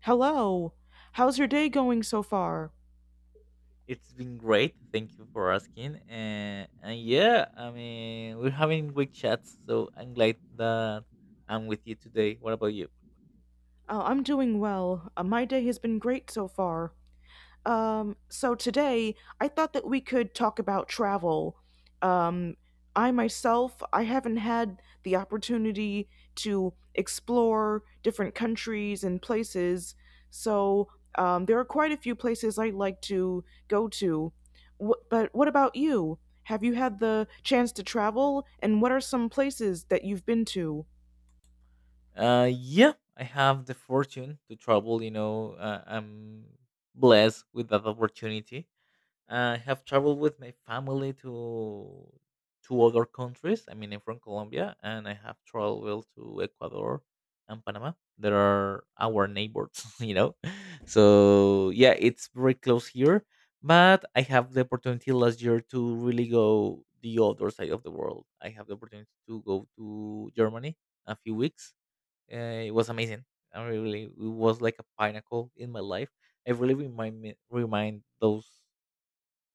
Hello. How's your day going so far? It's been great. Thank you for asking. And yeah, I mean, we're having great chats. So I'm glad that I'm with you today. What about you? I'm doing well. My day has been great so far. So today I thought that we could talk about travel. Um, I myself, I haven't had the opportunity to explore different countries and places. So there are quite a few places I'd like to go to. But what about you? Have you had the chance to travel, and what are some places that you've been to? Yeah, I have the fortune to travel. You know, I'm blessed with that opportunity. I have traveled with my family to two other countries. I mean, I'm from Colombia, and I have traveled to Ecuador and Panama. That are our neighbors, you know. So yeah, it's very close here. But I have the opportunity last year to really go the other side of the world. I have the opportunity to go to Germany a few weeks. It was amazing. I really, it was like a pinnacle in my life. I really remind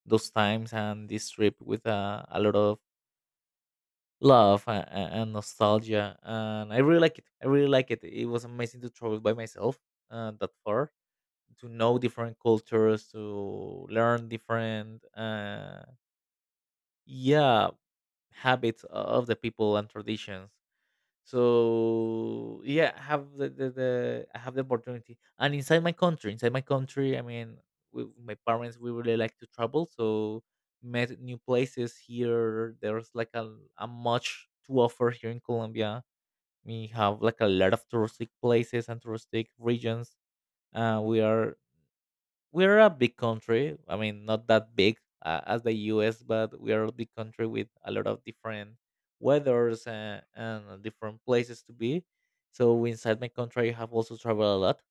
those times and this trip with a lot of love and nostalgia. And I really like it. I really like it. It was amazing to travel by myself that far, to know different cultures, to learn different, yeah, habits of the people and traditions. So yeah, I have the I have the opportunity, and inside my country, I mean, we, my parents we really like to travel, so met new places here. There's like a much to offer here in Colombia. We have like a lot of touristic places and touristic regions. Uh, we are we're a big country. I mean, not that big as the U.S., but we are a big country with a lot of different weathers and different places to be. So inside my country, I have also traveled a lot,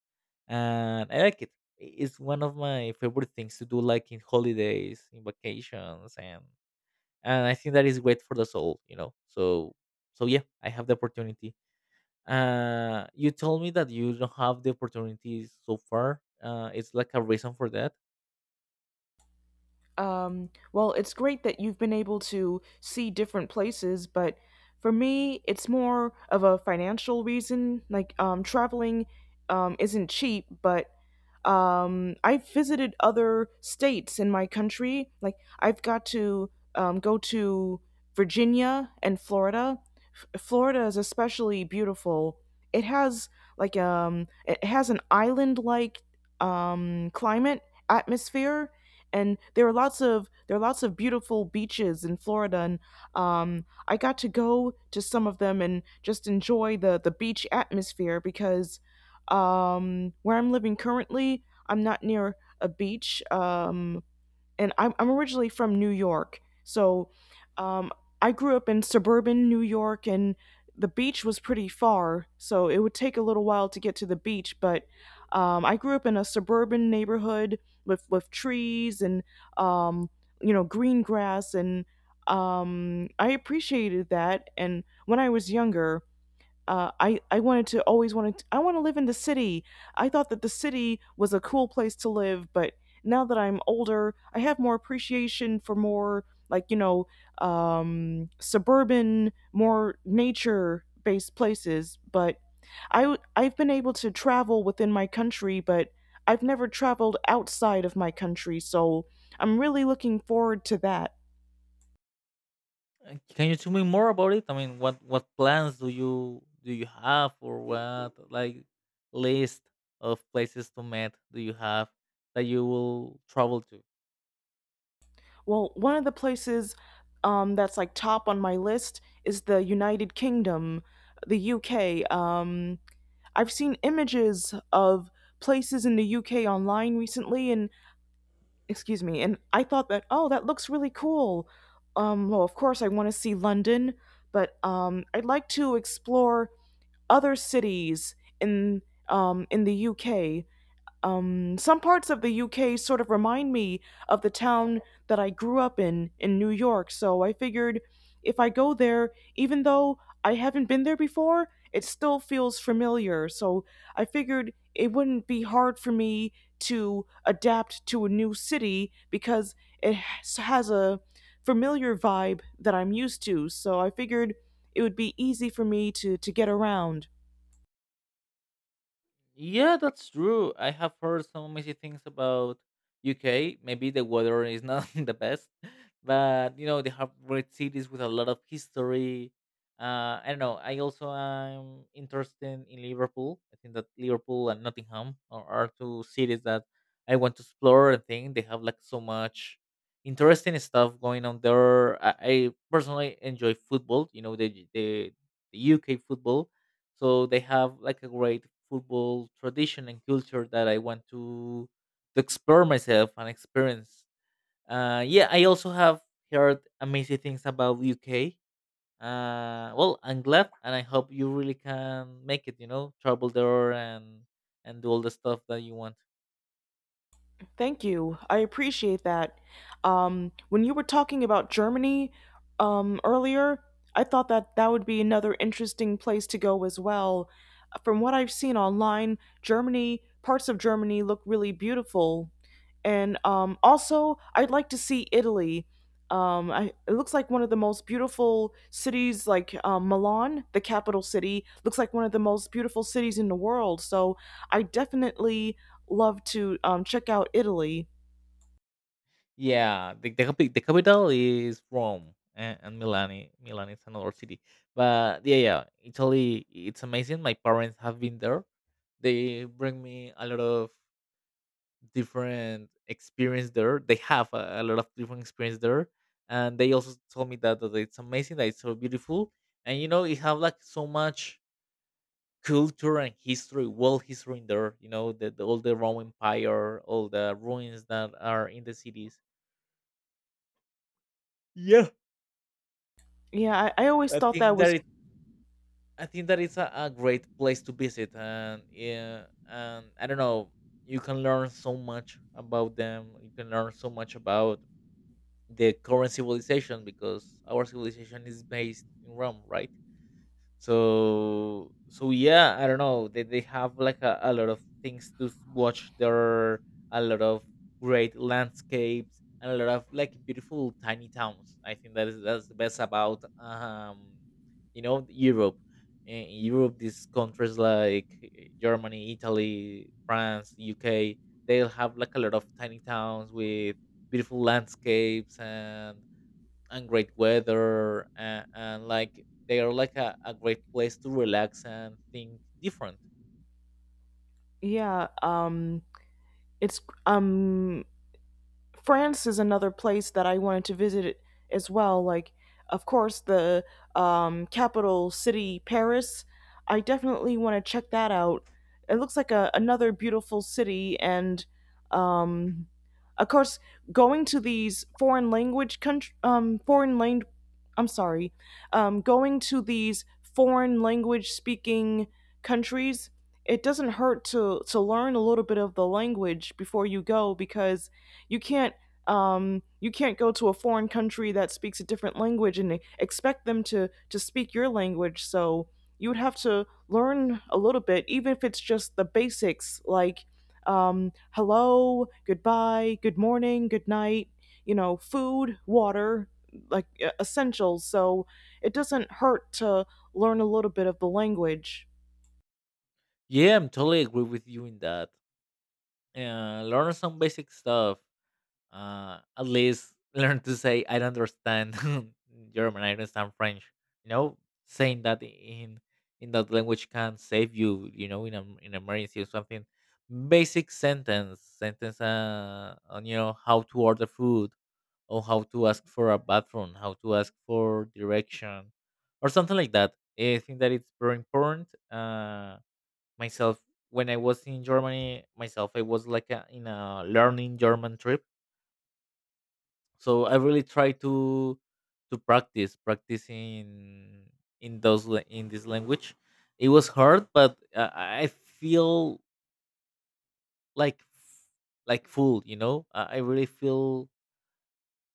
and I like it. It's one of my favorite things to do, like in holidays, in vacations, and I think that is great for the soul, you know. So so yeah, I have the opportunity. You told me that you don't have the opportunities so far. It's like a reason for that. Well, it's great that you've been able to see different places, but for me, it's more of a financial reason. Like, traveling isn't cheap, but I've visited other states in my country. Like I've got to go to Virginia and Florida. Florida is especially beautiful. It has like it has an island-like climate atmosphere, and there are lots of beautiful beaches in Florida. And I got to go to some of them and just enjoy the beach atmosphere because where I'm living currently, I'm not near a beach. And I'm originally from New York. So um, I grew up in suburban New York, and the beach was pretty far. So it would take a little while to get to the beach. But I grew up in a suburban neighborhood with trees, and, um, you know, green grass. And I appreciated that. And when I was younger, I wanted to always wanted to, I want to live in the city. I thought that the city was a cool place to live, but now that I'm older, I have more appreciation for more like, you know, suburban, more nature based places. But I've been able to travel within my country, but I've never traveled outside of my country, so I'm really looking forward to that. Can you tell me more about it? I mean, what plans do you have, or what like list of places to meet do you have that you will travel to? Well, one of the places that's like top on my list is the United Kingdom, the UK. I've seen images of places in the UK online recently, and excuse me, and I thought that, oh, that looks really cool. Well, of course, I want to see London, but I'd like to explore other cities in the UK. Some parts of the UK sort of remind me of the town that I grew up in New York, so I figured if I go there, even though I haven't been there before, it still feels familiar, so I figured it wouldn't be hard for me to adapt to a new city because it has a familiar vibe that I'm used to, so I figured it would be easy for me to get around. Yeah, that's true. I have heard some amazing things about UK. Maybe the weather is not the best, but you know they have great cities with a lot of history. I don't know. I also am interested in Liverpool. I think that Liverpool and Nottingham are two cities that I want to explore. I think they have like so much interesting stuff going on there. I personally enjoy football. You know the UK football so they have like a great football tradition and culture that I want to explore myself and experience. Yeah, I also have heard amazing things about UK. Well, I'm glad, and I hope you really can make it. You know, travel there and do all the stuff that you want. Thank you. I appreciate that. When you were talking about Germany earlier, I thought that that would be another interesting place to go as well. From what I've seen online, Germany, parts of Germany look really beautiful. And also, I'd like to see Italy. I, it looks like one of the most beautiful cities, like Milan, the capital city, looks like one of the most beautiful cities in the world. So I definitely love to check out Italy. Yeah, the capital is Rome, and Milan. Milan is another city, but yeah, yeah, Italy. It's amazing. My parents have been there. They bring me a lot of different experience there. They have a lot of different experience there, and they also told me that it's amazing, that it's so beautiful, and you know, it have like so much culture and history, world history in there. You know, the all the Roman Empire, all the ruins that are in the cities. Yeah. Yeah, I always I thought that think that was it, I think that it's a great place to visit, and yeah, and I don't know, you can learn so much about them. You can learn so much about the current civilization because our civilization is based in Rome, right? So so yeah, I don't know, they have like a lot of things to watch. There are a lot of great landscapes and a lot of like beautiful tiny towns. I think that is that's the best about you know Europe, in Europe. These countries like Germany, Italy, France, UK, they'll have like a lot of tiny towns with beautiful landscapes and great weather and like they are like a great place to relax and think different. yeah. It's France is another place that I wanted to visit as well. Like, of course, the capital city, Paris. I definitely want to check that out. It looks like a, another beautiful city, and um, of course, going to these foreign language country, foreign lang- I'm sorry, going to these foreign language speaking countries. It doesn't hurt to learn a little bit of the language before you go because you can't you can't go to a foreign country that speaks a different language and expect them to speak your language. So you would have to learn a little bit, even if it's just the basics like hello, goodbye, good morning, good night. You know, food, water, like essentials. So it doesn't hurt to learn a little bit of the language. Yeah, I'm totally agree with you in that. Learn some basic stuff, at least, learn to say I don't understand, German, I don't understand French, you know. Saying that in that language can save you, you know, in a in emergency or something. Basic sentence on you know how to order food, or how to ask for a bathroom, how to ask for direction, or something like that. I think that it's very important. Myself, when I was in Germany, myself, I was like a, in a learning German trip, so I really try to practice in in this language. It was hard, but I feel like like full, you know. I really feel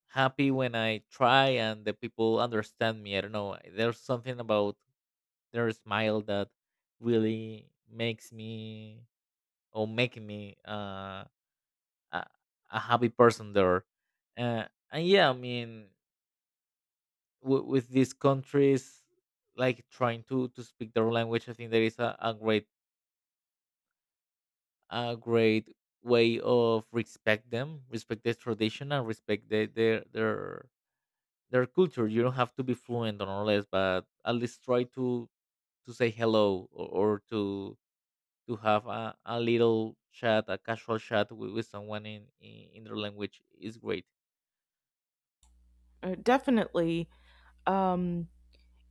happy when I try and the people understand me. I don't know. There's something about their smile that really makes me or making me a, a happy person there. Uh, and yeah, I mean, with these countries, like trying to speak their language, I think there is a great way of respect them, respect their tradition, and respect their their their culture. You don't have to be fluent or less, but at least try to say hello or to have a little chat, a casual chat with someone in their language is great. Definitely, um,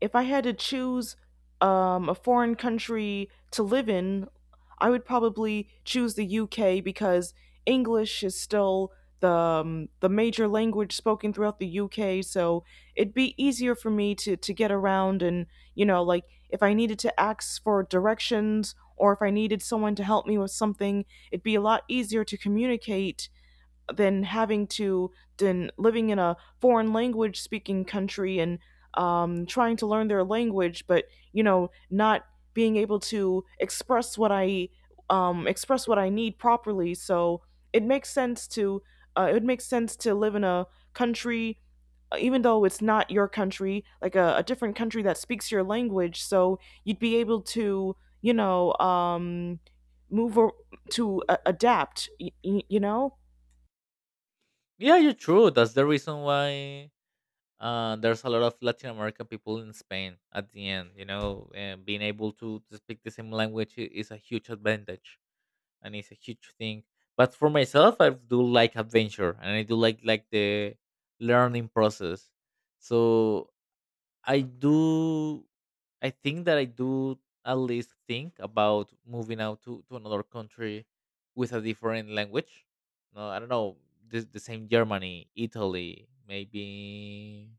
if I had to choose a foreign country to live in, I would probably choose the UK because English is still the major language spoken throughout the UK. So it'd be easier for me to get around and, you know, like if I needed to ask for directions or if I needed someone to help me with something, it'd be a lot easier to communicate than having to than living in a foreign language speaking country and trying to learn their language, but you know, not being able to express what I need properly. So it makes sense to it makes sense to live in a country, even though it's not your country, like a different country that speaks your language. So you'd be able to, you know, move or, to adapt. You know, Yeah, you're true. That's the reason why there's a lot of Latin American people in Spain. At the end, you know, and being able to speak the same language is a huge advantage. And it's a huge thing. But for myself, I do like adventure, and I do like the learning process. So I do. I think that I do at least think about moving out to another country with a different language. No, I don't know. The same Germany, Italy, maybe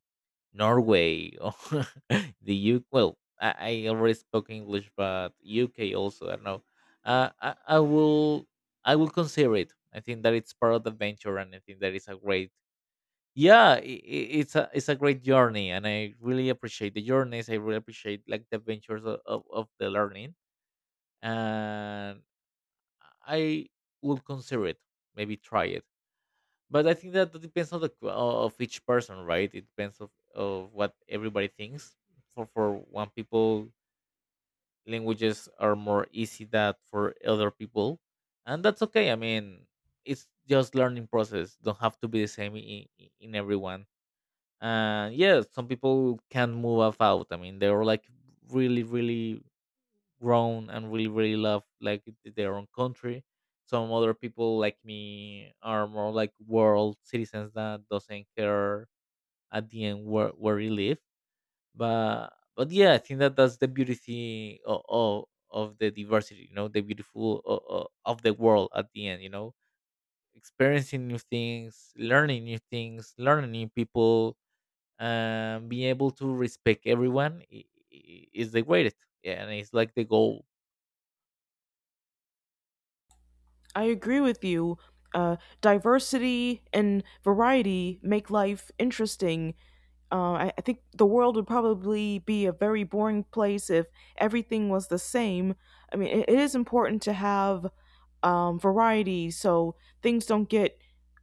Norway or the U. K. Well, I already spoke English, but UK also. I don't know. I will I will consider it. I think that it's part of the adventure, and I think that is a great yeah. It's a it's a great journey, and I really appreciate the journeys. I really appreciate like the adventures of the learning, and I will consider it. Maybe try it. But I think that that depends on the of each person, right? It depends of what everybody thinks. For one people, languages are more easy that for other people, and that's okay. I mean, it's just learning process. Don't have to be the same in everyone. And yeah, some people can move off out. I mean, they're like really, really grown and really really love like their own country. Some other people like me are more like world citizens that doesn't care at the end where you live, but but yeah I think that that's the beauty of the diversity, you know, the beautiful of the world at the end, you know, experiencing new things, learning new things, learning new people. Being able to respect everyone is the greatest yeah, and it's like the goal. I agree with you. Uh, Diversity and variety make life interesting. I think the world would probably be a very boring place if everything was the same. I mean, it is important to have variety so things don't get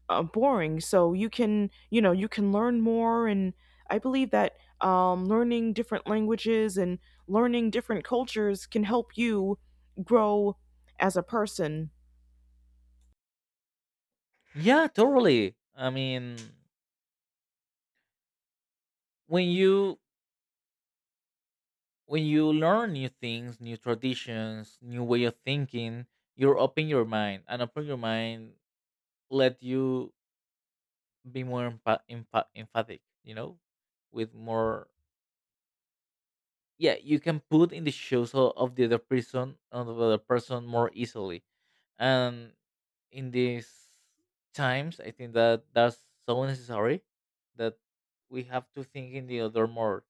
boring. So you can, you know, you can learn more. And I believe that learning different languages and learning different cultures can help you grow as a person. Yeah, totally. I mean, when you when you learn new things, new traditions, new way of thinking, you're open your mind, and open your mind let you be more emphatic. You know, with more. Yeah, you can put in the shoes of the other person, more easily, and in these times, I think that that's so necessary that we have to think in the other more.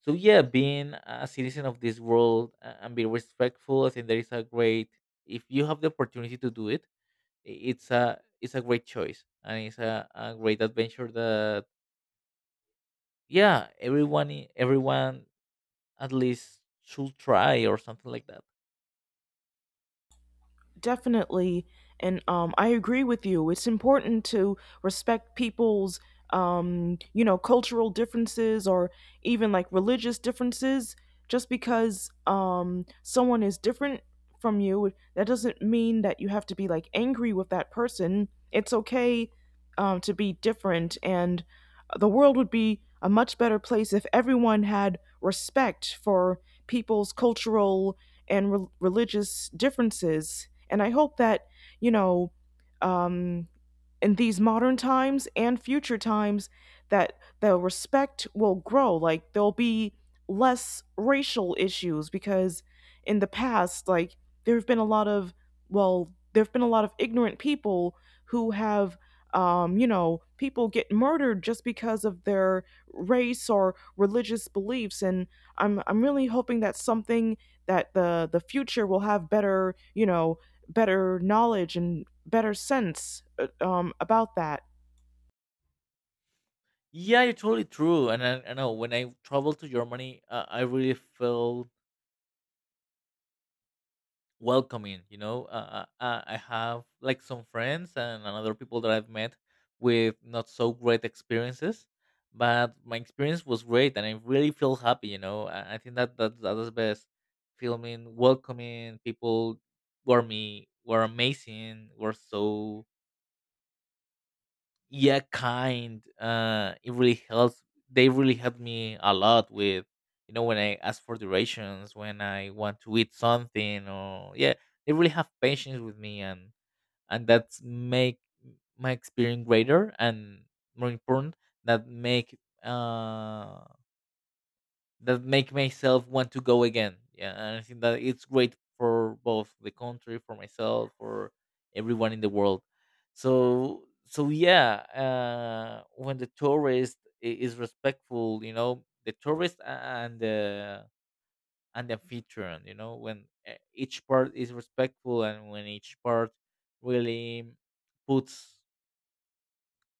So yeah, being a citizen of this world, and be respectful. I think there is a great, if you have the opportunity to do it, it's a it's a great choice, and it's a great adventure that, yeah, everyone, everyone at least should try, or something like that. Definitely. And I agree with you, it's important to respect people's you know cultural differences or even like religious differences. Just because someone is different from you, that doesn't mean that you have to be like angry with that person. It's okay to be different, and the world would be a much better place if everyone had respect for people's cultural and religious differences. And I hope that, you know, um, in these modern times and future times that the respect will grow, like there'll be less racial issues because in the past, like there've been a lot of well there've been a lot of ignorant people who have, you know, people get murdered just because of their race or religious beliefs. And I'm really hoping that something, that the future will have better, you know, better knowledge and better sense about that. Yeah, you're totally true. And I know, when I traveled to germany, I really felt welcoming, you know, I have like some friends and other people that I've met with not so great experiences, but my experience was great, and I really feel happy, you know. I think that, that is the best. Filming, welcoming people were me, were amazing, were so, yeah, kind. Uh, it really helps. They really helped me a lot with, you know, when I ask for directions, when I want to eat something, or yeah, they really have patience with me, and that's make my experience greater and more important. That make, uh that make myself want to go again. Yeah, and I think that it's great for both the country, for myself, for everyone in the world. So yeah, when the tourist is respectful, you know, the tourist, and the, and the amphitryon, you know, when each part is respectful, and when each part really puts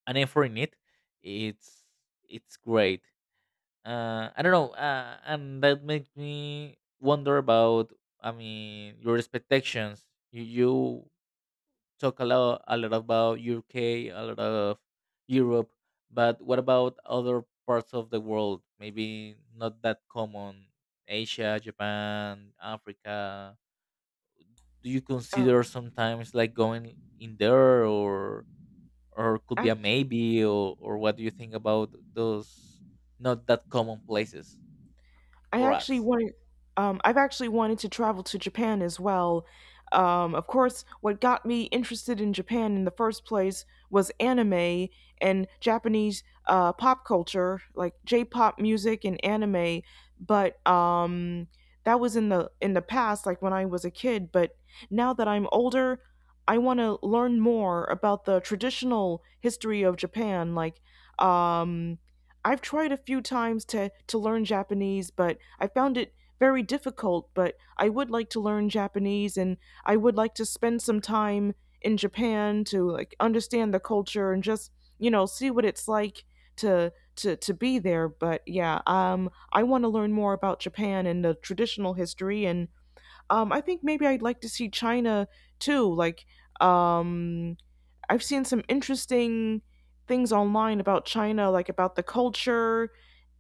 an effort in it, it's it's great. I don't know, and that makes me wonder about. I mean, your expectations. You talk a lot, about UK, a lot of Europe, but what about other parts of the world? Maybe not that common. Asia, Japan, Africa. Do you Um, consider sometimes like going in there, or could be a maybe, or what do you think about those not that common places I for actually us? wanted, I've actually wanted to travel to Japan as well. Of course, what got me interested in Japan in the first place was anime and Japanese pop culture, like J-pop music and anime. But that was in the past, like when I was a kid. But now that I'm older, I want to learn more about the traditional history of Japan, like um, I've tried a few times to learn Japanese, but I found it very difficult. But I would like to learn Japanese, and I would like to spend some time in Japan to like understand the culture and just, you know, see what it's like to to be there. But yeah, I want to learn more about Japan and the traditional history. And I think maybe I'd like to see China too, like um I've seen some interesting things online about China, like about the culture,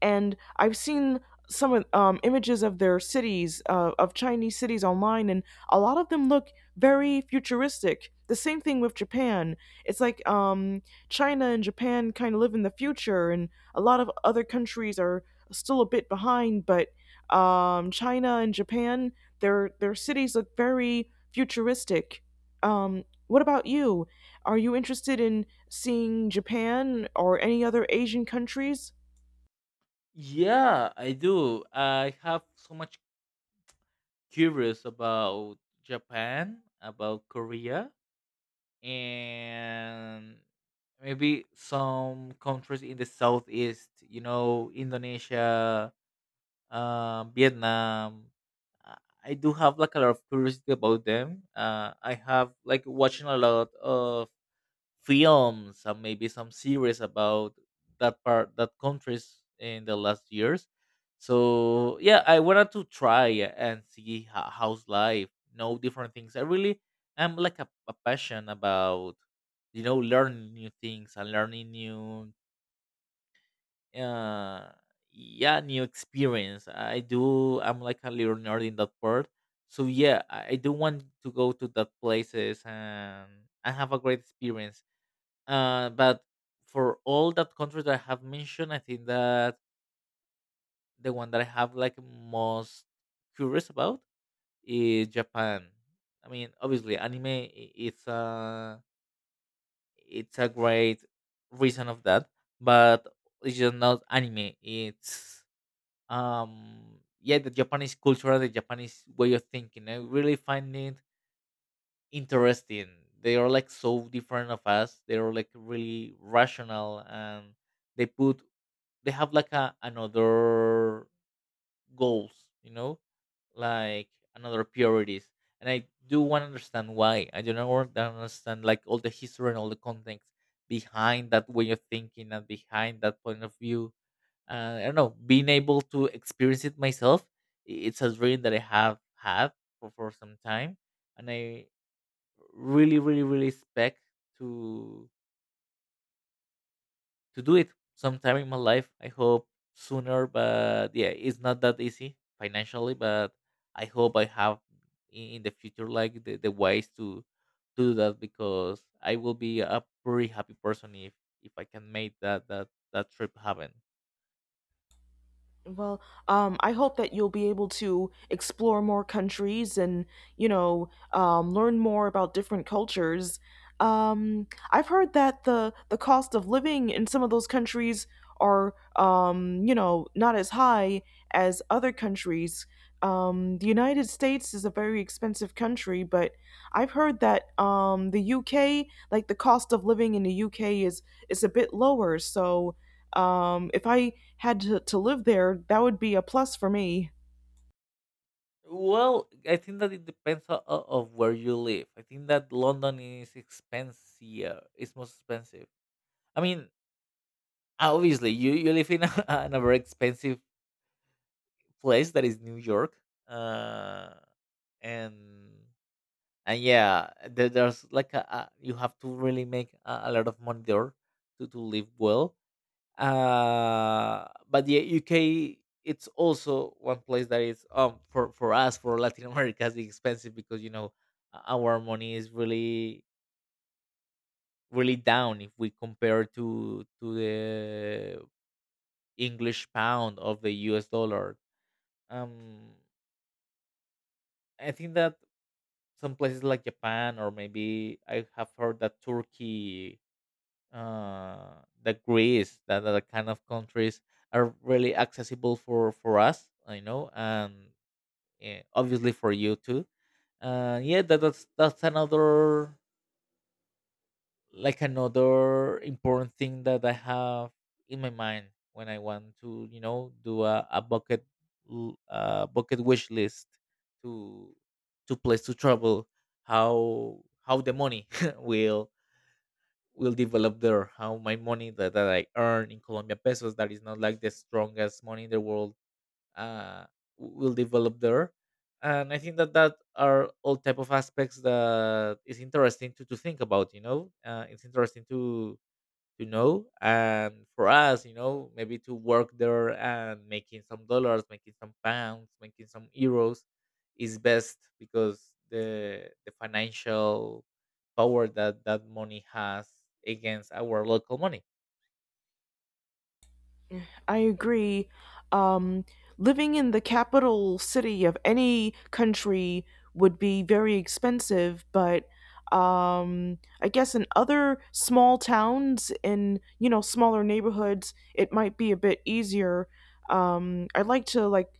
and I've seen some of, images of their cities, of Chinese cities online, and a lot of them look very futuristic. The same thing with Japan. It's like China and Japan kind of live in the future, and a lot of other countries are still a bit behind. But China and Japan, their cities look very futuristic. What about you? Are you interested in seeing Japan or any other Asian countries? Yeah, I do. I have so much curious about Japan, about Korea, and maybe some countries in the southeast. You know, Indonesia, Vietnam. Uh, I do have like a lot of curiosity about them. I have like watching a lot of films and maybe some series about that part, that countries in the last years. So yeah, I wanted to try and see, how's life, know different things. I really am like a passion about, you know, learning new things and learning new, uh yeah, new experience. I do. I'm like a little nerd in that part. So yeah, I do want to go to that places, and have a great experience. But for all that countries that I have mentioned, I think that the one that I have like most curious about is Japan. I mean, obviously, anime, it's a it's a great reason of that, but it's just not anime. It's, yeah, the Japanese culture, the Japanese way of thinking. I really find it interesting. They are like so different of us. They are like really rational, and they put, they have like a another goals, you know, like another priorities. And I do want to understand why. I do not want to understand like all the history and all the context behind that way of thinking, and behind that point of view. I don't know, being able to experience it myself, it's a dream that I have had for, some time, and I really, really, really expect to. To do it sometime in my life. I hope sooner, but yeah, it's not that easy financially. But I hope I have in the future, like the ways to do that, because I will be a pretty happy person if I can make that that trip happen. Well, I hope that you'll be able to explore more countries and, you know, learn more about different cultures. I've heard that the cost of living in some of those countries are, you know, not as high as other countries. The United States is a very expensive country, but I've heard that the UK, like the cost of living in the UK, is is a bit lower. So if I had to live there, that would be a plus for me. Well, I think that it depends of where you live. I think that London is expensive. It's most expensive. I mean, obviously, you live in a, in a very expensive place that is New York, uh, and and yeah, there, there's like a, you have to really make a lot of money there to live well. But yeah, UK, it's also one place that is, for us, for Latin America, is expensive, because, you know, our money is really really down if we compare to the English pound of the US dollar. Um, I think that some places like Japan, or maybe I have heard that Turkey, that Greece, that other kind of countries, are really accessible for us. I know, and obviously for you too. Yeah, that, that's another, like another important thing that I have in my mind, when I want to, you know, do a bucket, bucket wish list to to place to travel. How the money will will develop there? How my money, that, that I earn in Colombia pesos, that is not like the strongest money in the world, uh, will develop there. And I think that that are all type of aspects that is interesting to think about, you know. It's interesting to know, and for us, you know, maybe to work there and making some dollars, making some pounds, making some euros, is best, because the financial power that that money has against our local money. I agree. Um, Living in the capital city of any country would be very expensive, but I guess in other small towns, in you know smaller neighborhoods, it might be a bit easier. I'd like to like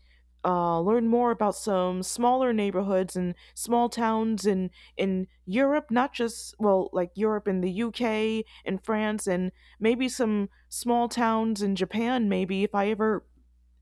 learn more about some smaller neighborhoods and small towns in Europe, not just well like Europe and the UK and France, and maybe some small towns in Japan, maybe if I ever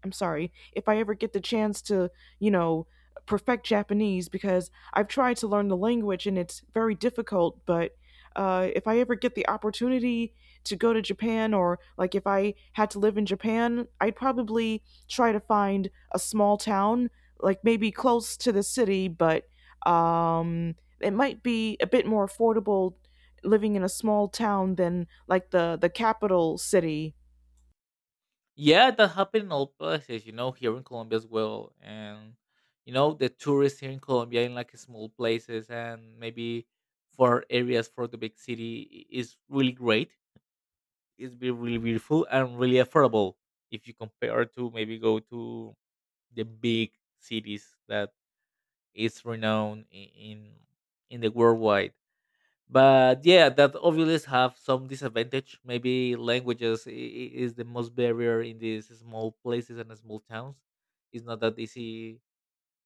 I'm sorry, if I ever get the chance to, you know, perfect Japanese because I've tried to learn the language and it's very difficult, but if I ever get the opportunity to go to Japan, or like if I had to live in Japan, I'd probably try to find a small town, like maybe close to the city, but it might be a bit more affordable living in a small town than like the capital city. Yeah, that happened in all places, you know, here in Colombia as well. And, you know, the tourists here in Colombia in like small places, and maybe for areas for the big city, is really great. It's be really beautiful and really affordable if you compare to maybe go to the big cities that is renowned in the worldwide. But yeah, that obviously have some disadvantage. Maybe languages is the most barrier in these small places and small towns. It's not that easy,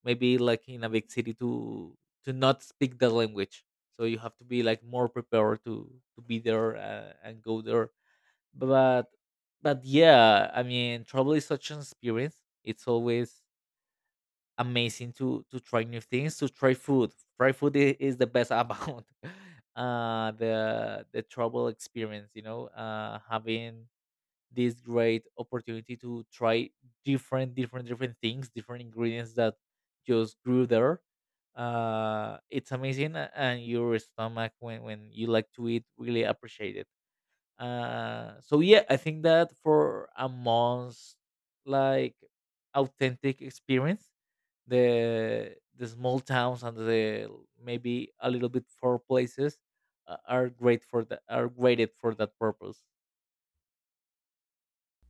maybe like in a big city, to not speak the language. So you have to be like more prepared to be there, and go there. but but yeah, I mean, travel is such an experience. It's always amazing to try new things, to try food. Try food is the best about the travel experience, you know. Having this great opportunity to try different different things, different ingredients that just grew there. It's amazing, and your stomach, when you like to eat, really appreciate it. So yeah, I think that for a month's like authentic experience, the small towns, and the maybe a little bit far places, are great for that, are graded for that purpose.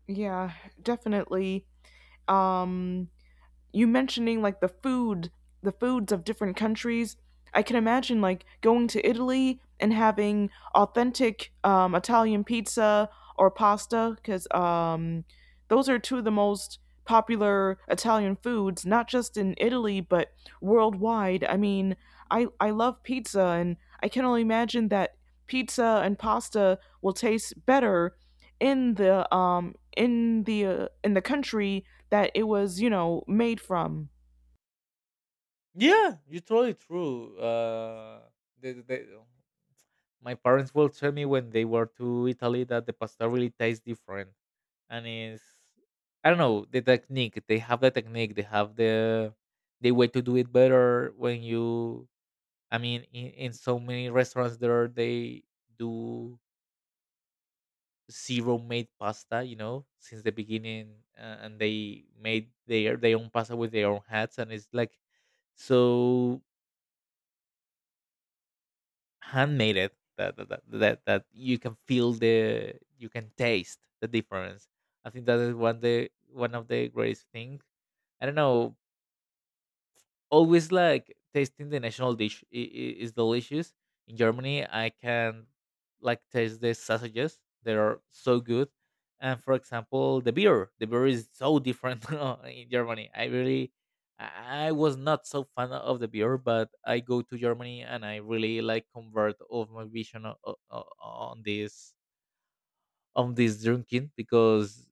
Yeah, definitely. um you mentioning like the food, the foods of different countries, I can imagine like going to Italy and having authentic Italian pizza or pasta, because those are two of the most popular Italian foods, not just in Italy but worldwide. I mean, I love pizza, and I can only imagine that pizza and pasta will taste better in the in the in the country that it was, you know, made from. Yeah, you're totally true. The, the, My parents will tell me when they were to Italy that the pasta really tastes different. And it's, I don't know the technique. They have the technique. They have the way to do it better when you. I mean, in so many restaurants there, they do zero made pasta. You know, since the beginning, and they made their own pasta with their own hats, and it's like so handmade it, that that you can feel the, you can taste the difference. I think that is one, the one of the greatest things, I don't know, always like tasting the national dish. Is delicious. In germany, I can like taste the sausages, they are so good. And for example, the beer, the beer is so different in germany. I really, i I was not so fan of the beer, but I go to germany and I really like convert of my vision, on this, on this drinking, because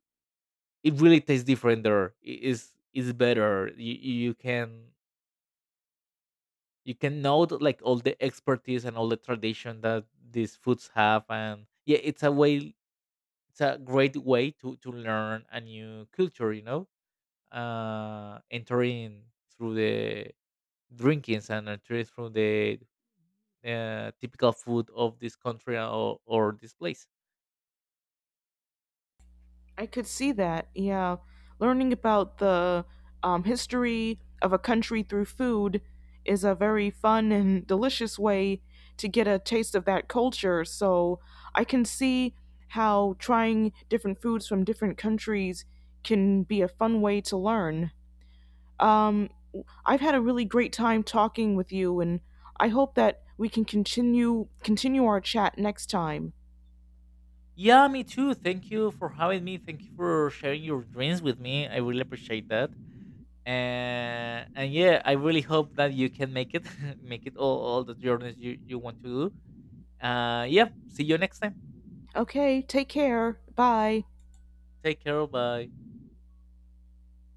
it really tastes different there. It is better. you, you can, you can note like all the expertise and all the tradition that these foods have. And yeah, it's a way, it's a great way to learn a new culture, you know. Entering through the drinkings, and entering through the, typical food of this country, or this place. I could see that. Yeah. Learning about the history of a country through food is a very fun and delicious way to get a taste of that culture. So I can see how trying different foods from different countries can be a fun way to learn. Um, I've had a really great time talking with you, and I hope that we can continue our chat next time. Yeah, me too. Thank you for having me. Thank you for sharing your dreams with me. I really appreciate that. And yeah, I really hope that you can make it make it all the journeys you you want to do. Yeah, see you next time. Okay, take care. Bye. Take care, bye.